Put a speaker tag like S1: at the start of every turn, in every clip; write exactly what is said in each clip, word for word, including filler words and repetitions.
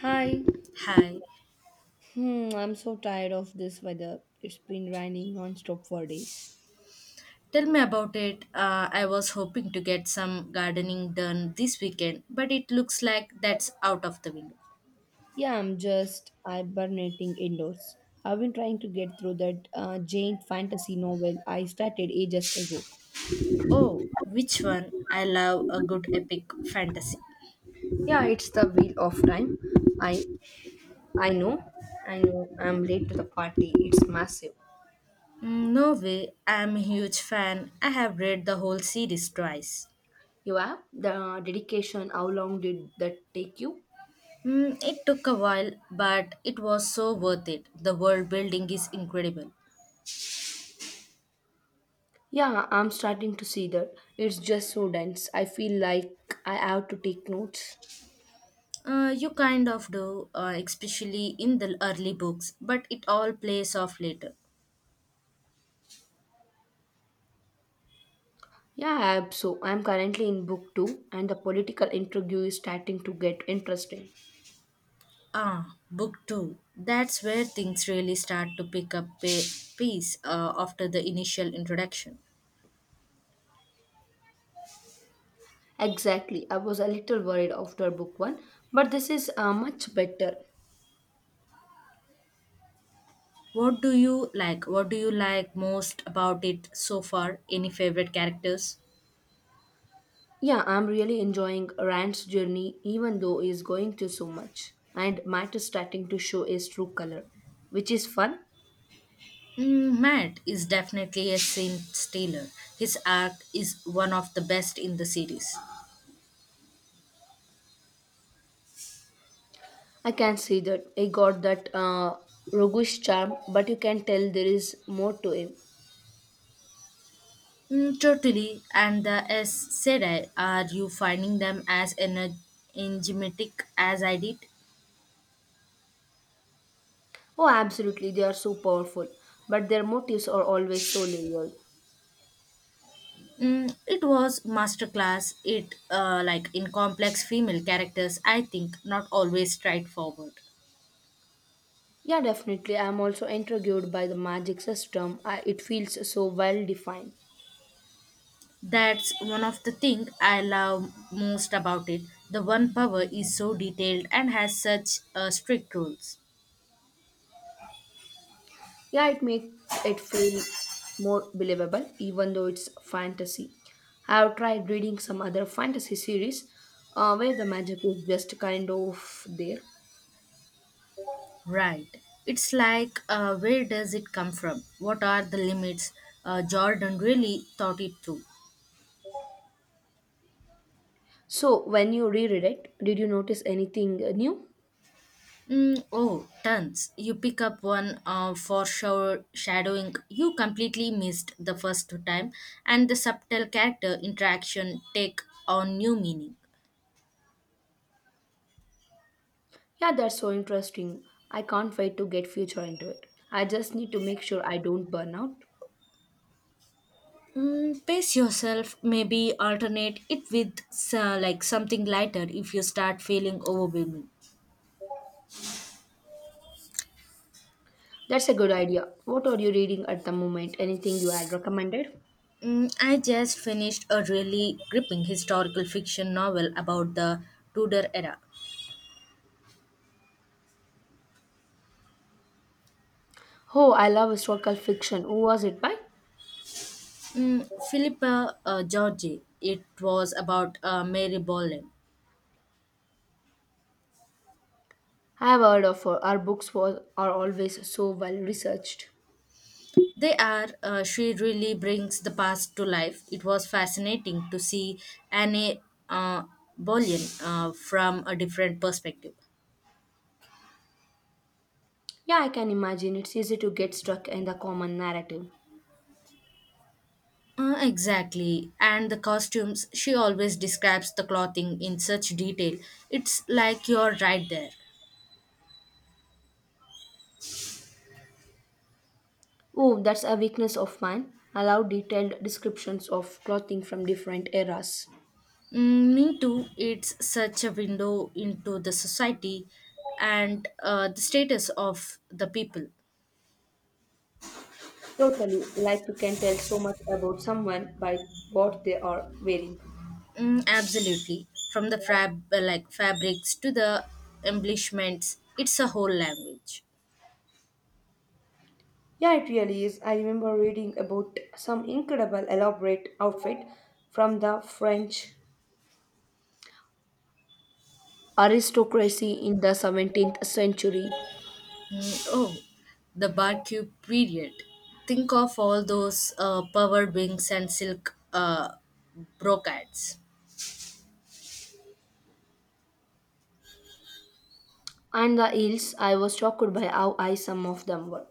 S1: Hi.
S2: Hi,
S1: Hmm, I'm so tired of this weather. It's been raining nonstop for days.
S2: tell me about it. Uh, I was hoping to get some gardening done this weekend, but it looks like that's out of the window.
S1: Yeah, I'm just hibernating indoors. I've been trying to get through that uh, Jane fantasy novel I started ages ago.
S2: Oh, which one? I love a good epic fantasy.
S1: Yeah, it's the Wheel of Time. I I know. I know. I'm late to the party. It's massive.
S2: Mm, no way, I'm a huge fan. I have read the whole series twice.
S1: You have the dedication. How long did that take you?
S2: Mm, it took a while, but it was so worth it. The world building is incredible.
S1: Yeah, I'm starting to see that. It's just so dense. I feel like I have to take notes.
S2: Uh, you kind of do, uh, especially in the early books, but it all plays off later.
S1: Yeah, I'm so I'm currently in book two, and the political intrigue is starting to get interesting.
S2: Ah, book two. That's where things really start to pick up pa- pace uh, after the initial introduction.
S1: Exactly, I was a little worried after book one, but this is uh, much better.
S2: What do you like? What do you like most about it so far? Any favorite characters?
S1: Yeah, I'm really enjoying Rand's journey, even though he's going through so much, and Matt is starting to show his true color, which is fun.
S2: Mm, Matt is definitely a Saint Taylor. His arc is one of the best in the series.
S1: I can see that he got that uh, roguish charm, but you can tell there is more to him.
S2: Mm, totally. And the S Sedai, are you finding them as ener- enigmatic as I did?
S1: Oh, absolutely, they are so powerful, but their motives are always so layered.
S2: Mm, it was masterclass. It uh, Like in complex female characters. I think not always straightforward.
S1: Yeah, definitely. I'm also intrigued by the magic system. I, it feels so well defined.
S2: That's one of the thing I love most about it. The one power is so detailed and has such uh, strict rules.
S1: Yeah, it makes it feel more believable, even though it's fantasy. I've tried reading some other fantasy series uh, where the magic is just kind of there.
S2: Right. It's like uh, where does it come from? What are the limits? Uh, Jordan really thought it through.
S1: So, when you reread it, did you notice anything new?
S2: Mm, oh, Tons. You pick up one uh, for sure shadowing you completely missed the first time, and the subtle character interaction take on new meaning.
S1: Yeah, that's so interesting. I can't wait to get future into it. I just need to make sure I don't burn out.
S2: Mm, pace yourself, maybe alternate it with uh, like something lighter if you start feeling overwhelming.
S1: That's a good idea. What are you reading at the moment? Anything you had recommended?
S2: Mm, I just finished a really gripping historical fiction novel about the Tudor era.
S1: Oh, I love historical fiction. Who was it by?
S2: Mm, Philippa uh, George. It was about uh, Mary Boleyn.
S1: I have heard of her. Her books was, are always so well researched.
S2: They are, uh, she really brings the past to life. It was fascinating to see Anne uh, Boleyn uh, from a different perspective.
S1: Yeah, I can imagine. It's easy to get stuck in the common narrative.
S2: Uh, exactly. And the costumes, she always describes the clothing in such detail. It's like you're right there.
S1: Oh, that's a weakness of mine. I love detailed descriptions of clothing from different eras.
S2: Mm, me too, it's such a window into the society and uh, the status of the people.
S1: Totally, like you can tell so much about someone by what they are wearing.
S2: Mm, absolutely. From the fab uh, like fabrics to the embellishments, it's a whole language.
S1: Yeah, it really is. I remember reading about some incredible elaborate outfit from the French aristocracy in the seventeenth century,
S2: Mm, oh, the Barcube period. Think of all those uh, power wings and silk uh, brocades.
S1: and the ills, I was shocked by how high some of them were.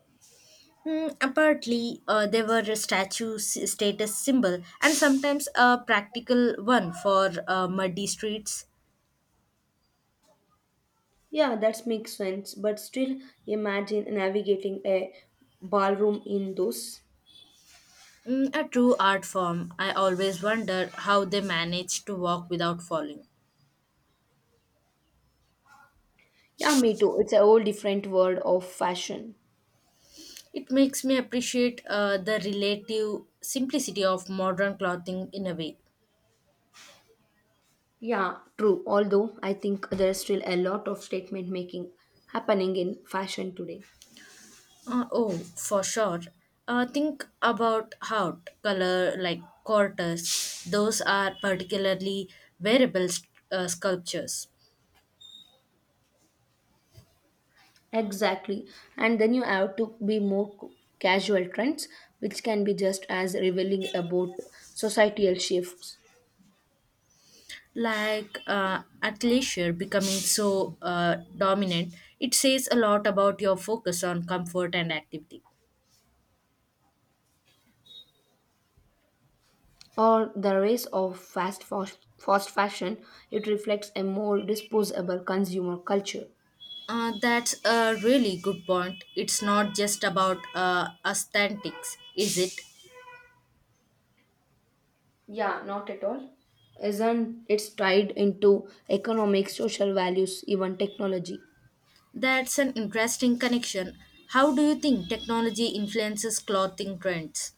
S2: Mm, apparently, uh, they were a statue s- status symbol and sometimes a practical one for uh, muddy streets.
S1: Yeah, that makes sense, but still imagine navigating a ballroom in those.
S2: Mm, a true art form. I always wonder how they managed to walk without falling.
S1: Yeah, me too, it's a whole different world of fashion.
S2: It makes me appreciate uh, the relative simplicity of modern clothing in a way.
S1: Yeah, true, although I think there's still a lot of statement making happening in fashion today.
S2: Uh, oh, for sure. Uh, think about heart color like quarters. Those are particularly wearable st- uh, sculptures.
S1: Exactly. And then you have to be more c- casual trends, which can be just as revealing about societal shifts.
S2: Like uh, athleisure becoming so uh, dominant, it says a lot about your focus on comfort and activity.
S1: Or the rise of fast, fast, fast fashion, it reflects a more disposable consumer culture.
S2: Uh, that's a really good point. It's not just about uh, aesthetics, is it?
S1: Yeah, not at all. Isn't it's tied into economic, social values, even technology?
S2: That's an interesting connection. How do you think technology influences clothing trends?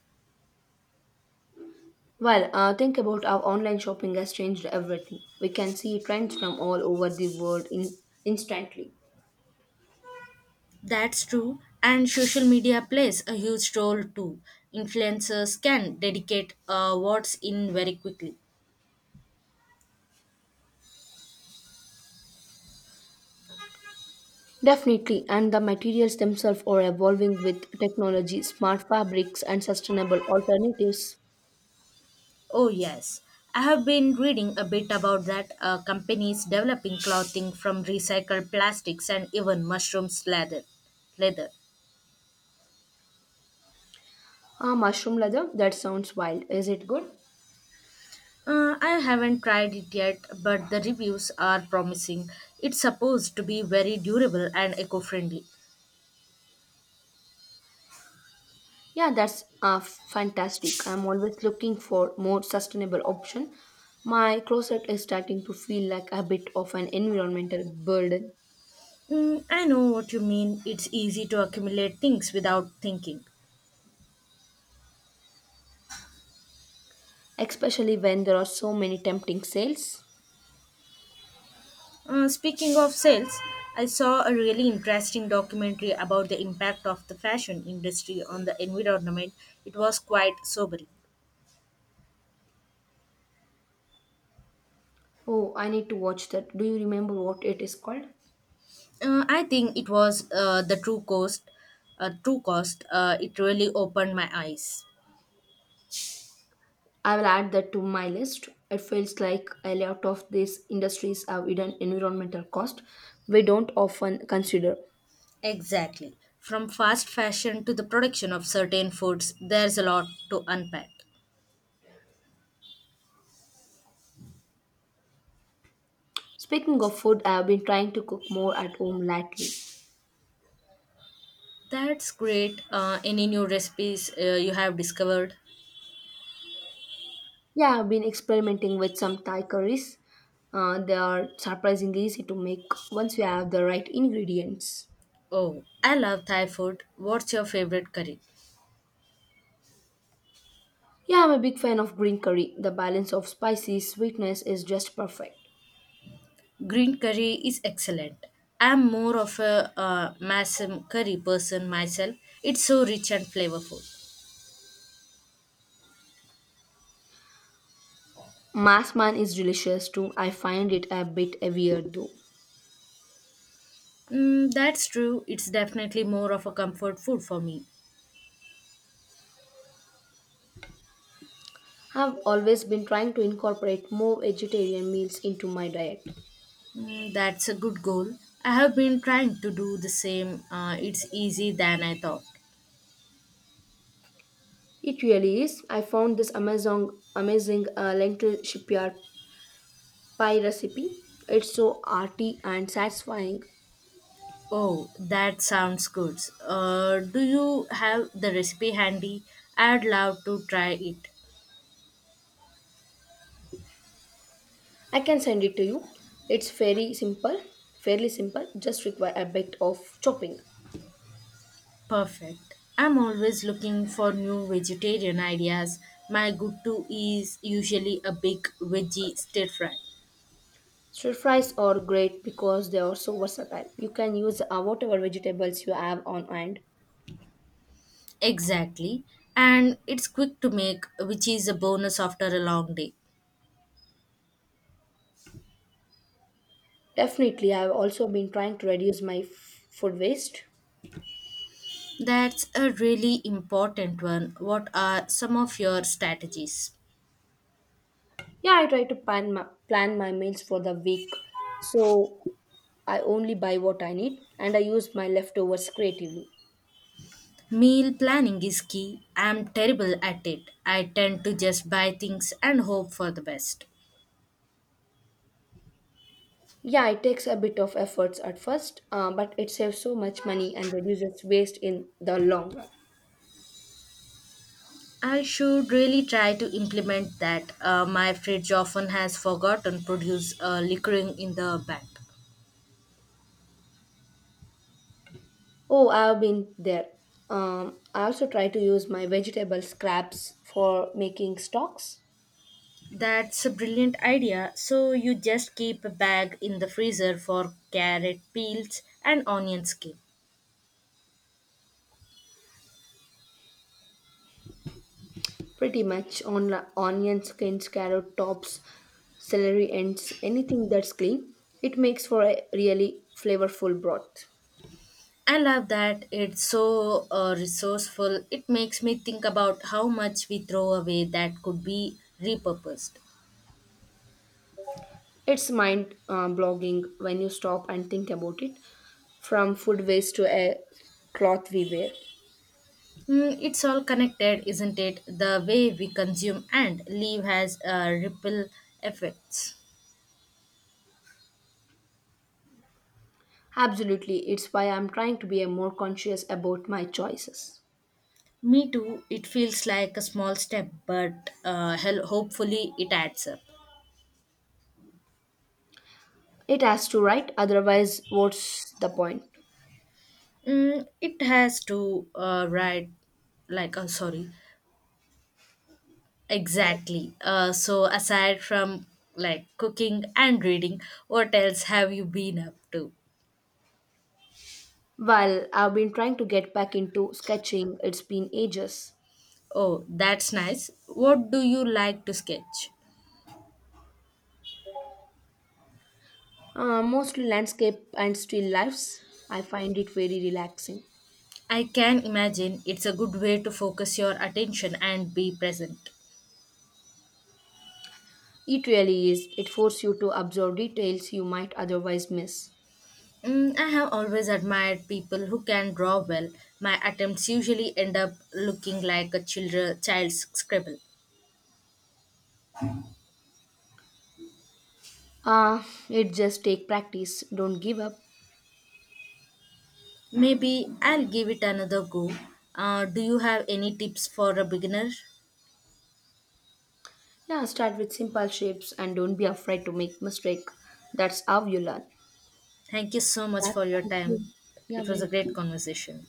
S1: Well, uh, think about how online shopping has changed everything. We can see trends from all over the world in instantly.
S2: That's true, and social media plays a huge role too. Influencers can dedicate uh, what's in very quickly.
S1: Definitely, and the materials themselves are evolving with technology, smart fabrics, and sustainable alternatives.
S2: Oh, yes. I have been reading a bit about that uh, companies developing clothing from recycled plastics and even mushrooms leather. leather.
S1: Ah, mushroom leather? That sounds wild. Is it good?
S2: Uh, I haven't tried it yet, but the reviews are promising. It's supposed to be very durable and eco friendly.
S1: Yeah, that's uh, f- fantastic. I'm always looking for more sustainable option. My closet is starting to feel like a bit of an environmental burden,
S2: Mm, I know what you mean. It's easy to accumulate things without thinking.
S1: especially when there are so many tempting sales.
S2: Uh, speaking of sales, I saw a really interesting documentary about the impact of the fashion industry on the environment. It was quite sobering.
S1: Oh, I need to watch that. Do you remember what it is called?
S2: Uh, I think it was uh, the true cost. Uh, true cost. Uh, it really opened my eyes.
S1: I will add that to my list. It feels like a lot of these industries have hidden environmental cost we don't often consider.
S2: Exactly. From fast fashion to the production of certain foods, there's a lot to unpack.
S1: Speaking of food, I have been trying to cook more at home lately.
S2: That's great. Uh, any new recipes uh, you have discovered?
S1: Yeah, I've been experimenting with some Thai curries. Uh, they are surprisingly easy to make once you have the right ingredients.
S2: Oh, I love Thai food. What's your favorite curry?
S1: Yeah, I'm a big fan of green curry. The balance of spicy sweetness is just perfect.
S2: Green curry is excellent. I'm more of a uh, masam curry person myself. It's so rich and flavorful.
S1: Mass is delicious too. I find it a bit heavier though.
S2: Mm, that's true. It's definitely more of a comfort food for me.
S1: I've always been trying to incorporate more vegetarian meals into my diet.
S2: Mm, that's a good goal. I have been trying to do the same. Uh, it's easy than I thought.
S1: It really is. I found this Amazon amazing uh, lentil shipyard pie recipe. It's so arty and satisfying.
S2: Oh, that sounds good. Uh, do you have the recipe handy? I'd love to try it.
S1: I can send it to you. It's very simple, fairly simple. Just require a bit of chopping.
S2: Perfect. I'm always looking for new vegetarian ideas. My go to is usually a big veggie stir fry.
S1: Stir fries are great because they are so versatile. You can use uh, whatever vegetables you have on hand.
S2: Exactly. And it's quick to make, which is a bonus after a long day.
S1: Definitely, I've also been trying to reduce my f- food waste.
S2: That's a really important one. What are some of your strategies?
S1: Yeah, I try to plan my, plan my meals for the week. So I only buy what I need and I use my leftovers creatively.
S2: Meal planning is key. I'm terrible at it. I tend to just buy things and hope for the best.
S1: Yeah, it takes a bit of efforts at first, uh, but it saves so much money and reduces waste in the long run.
S2: I should really try to implement that. Uh, my fridge often has forgotten produce uh, liquoring in the back.
S1: Oh, I've been there. Um, I also try to use my vegetable scraps for making stocks.
S2: That's a brilliant idea. So you just keep a bag in the freezer for carrot peels and onion skin.
S1: Pretty much on onion skins, carrot tops, celery ends, anything that's clean. It makes for a really flavorful broth.
S2: I love that it's so uh, resourceful. It makes me think about how much we throw away that could be repurposed.
S1: It's mind uh, blogging when you stop and think about it, from food waste to a cloth we wear.
S2: Mm, it's all connected, isn't it? The way we consume and leave has uh, ripple effects.
S1: Absolutely, it's why I'm trying to be a more conscious about my choices.
S2: Me too. It feels like a small step, but uh, hell, hopefully it adds up.
S1: It has to, right? Otherwise, what's the point?
S2: Mm, it has to uh, right, like uh, sorry, exactly. Uh, so, aside from like cooking and reading, what else have you been up to?
S1: Well, I've been trying to get back into sketching. It's been ages.
S2: Oh, that's nice. What do you like to sketch?
S1: Uh, mostly landscape and still lifes. I find it very relaxing.
S2: I can imagine it's a good way to focus your attention and be present.
S1: It really is. It forces you to observe details you might otherwise miss.
S2: Mm, I have always admired people who can draw well. My attempts usually end up looking like a children, child's scribble.
S1: Ah, it just take practice. Don't give up.
S2: Maybe I'll give it another go. Uh, do you have any tips for a beginner?
S1: Yeah, start with simple shapes and don't be afraid to make mistake. That's how you learn.
S2: Thank you so much
S1: Yeah,
S2: for your
S1: thank
S2: time.
S1: you. You're
S2: It was a great
S1: welcome.
S2: conversation.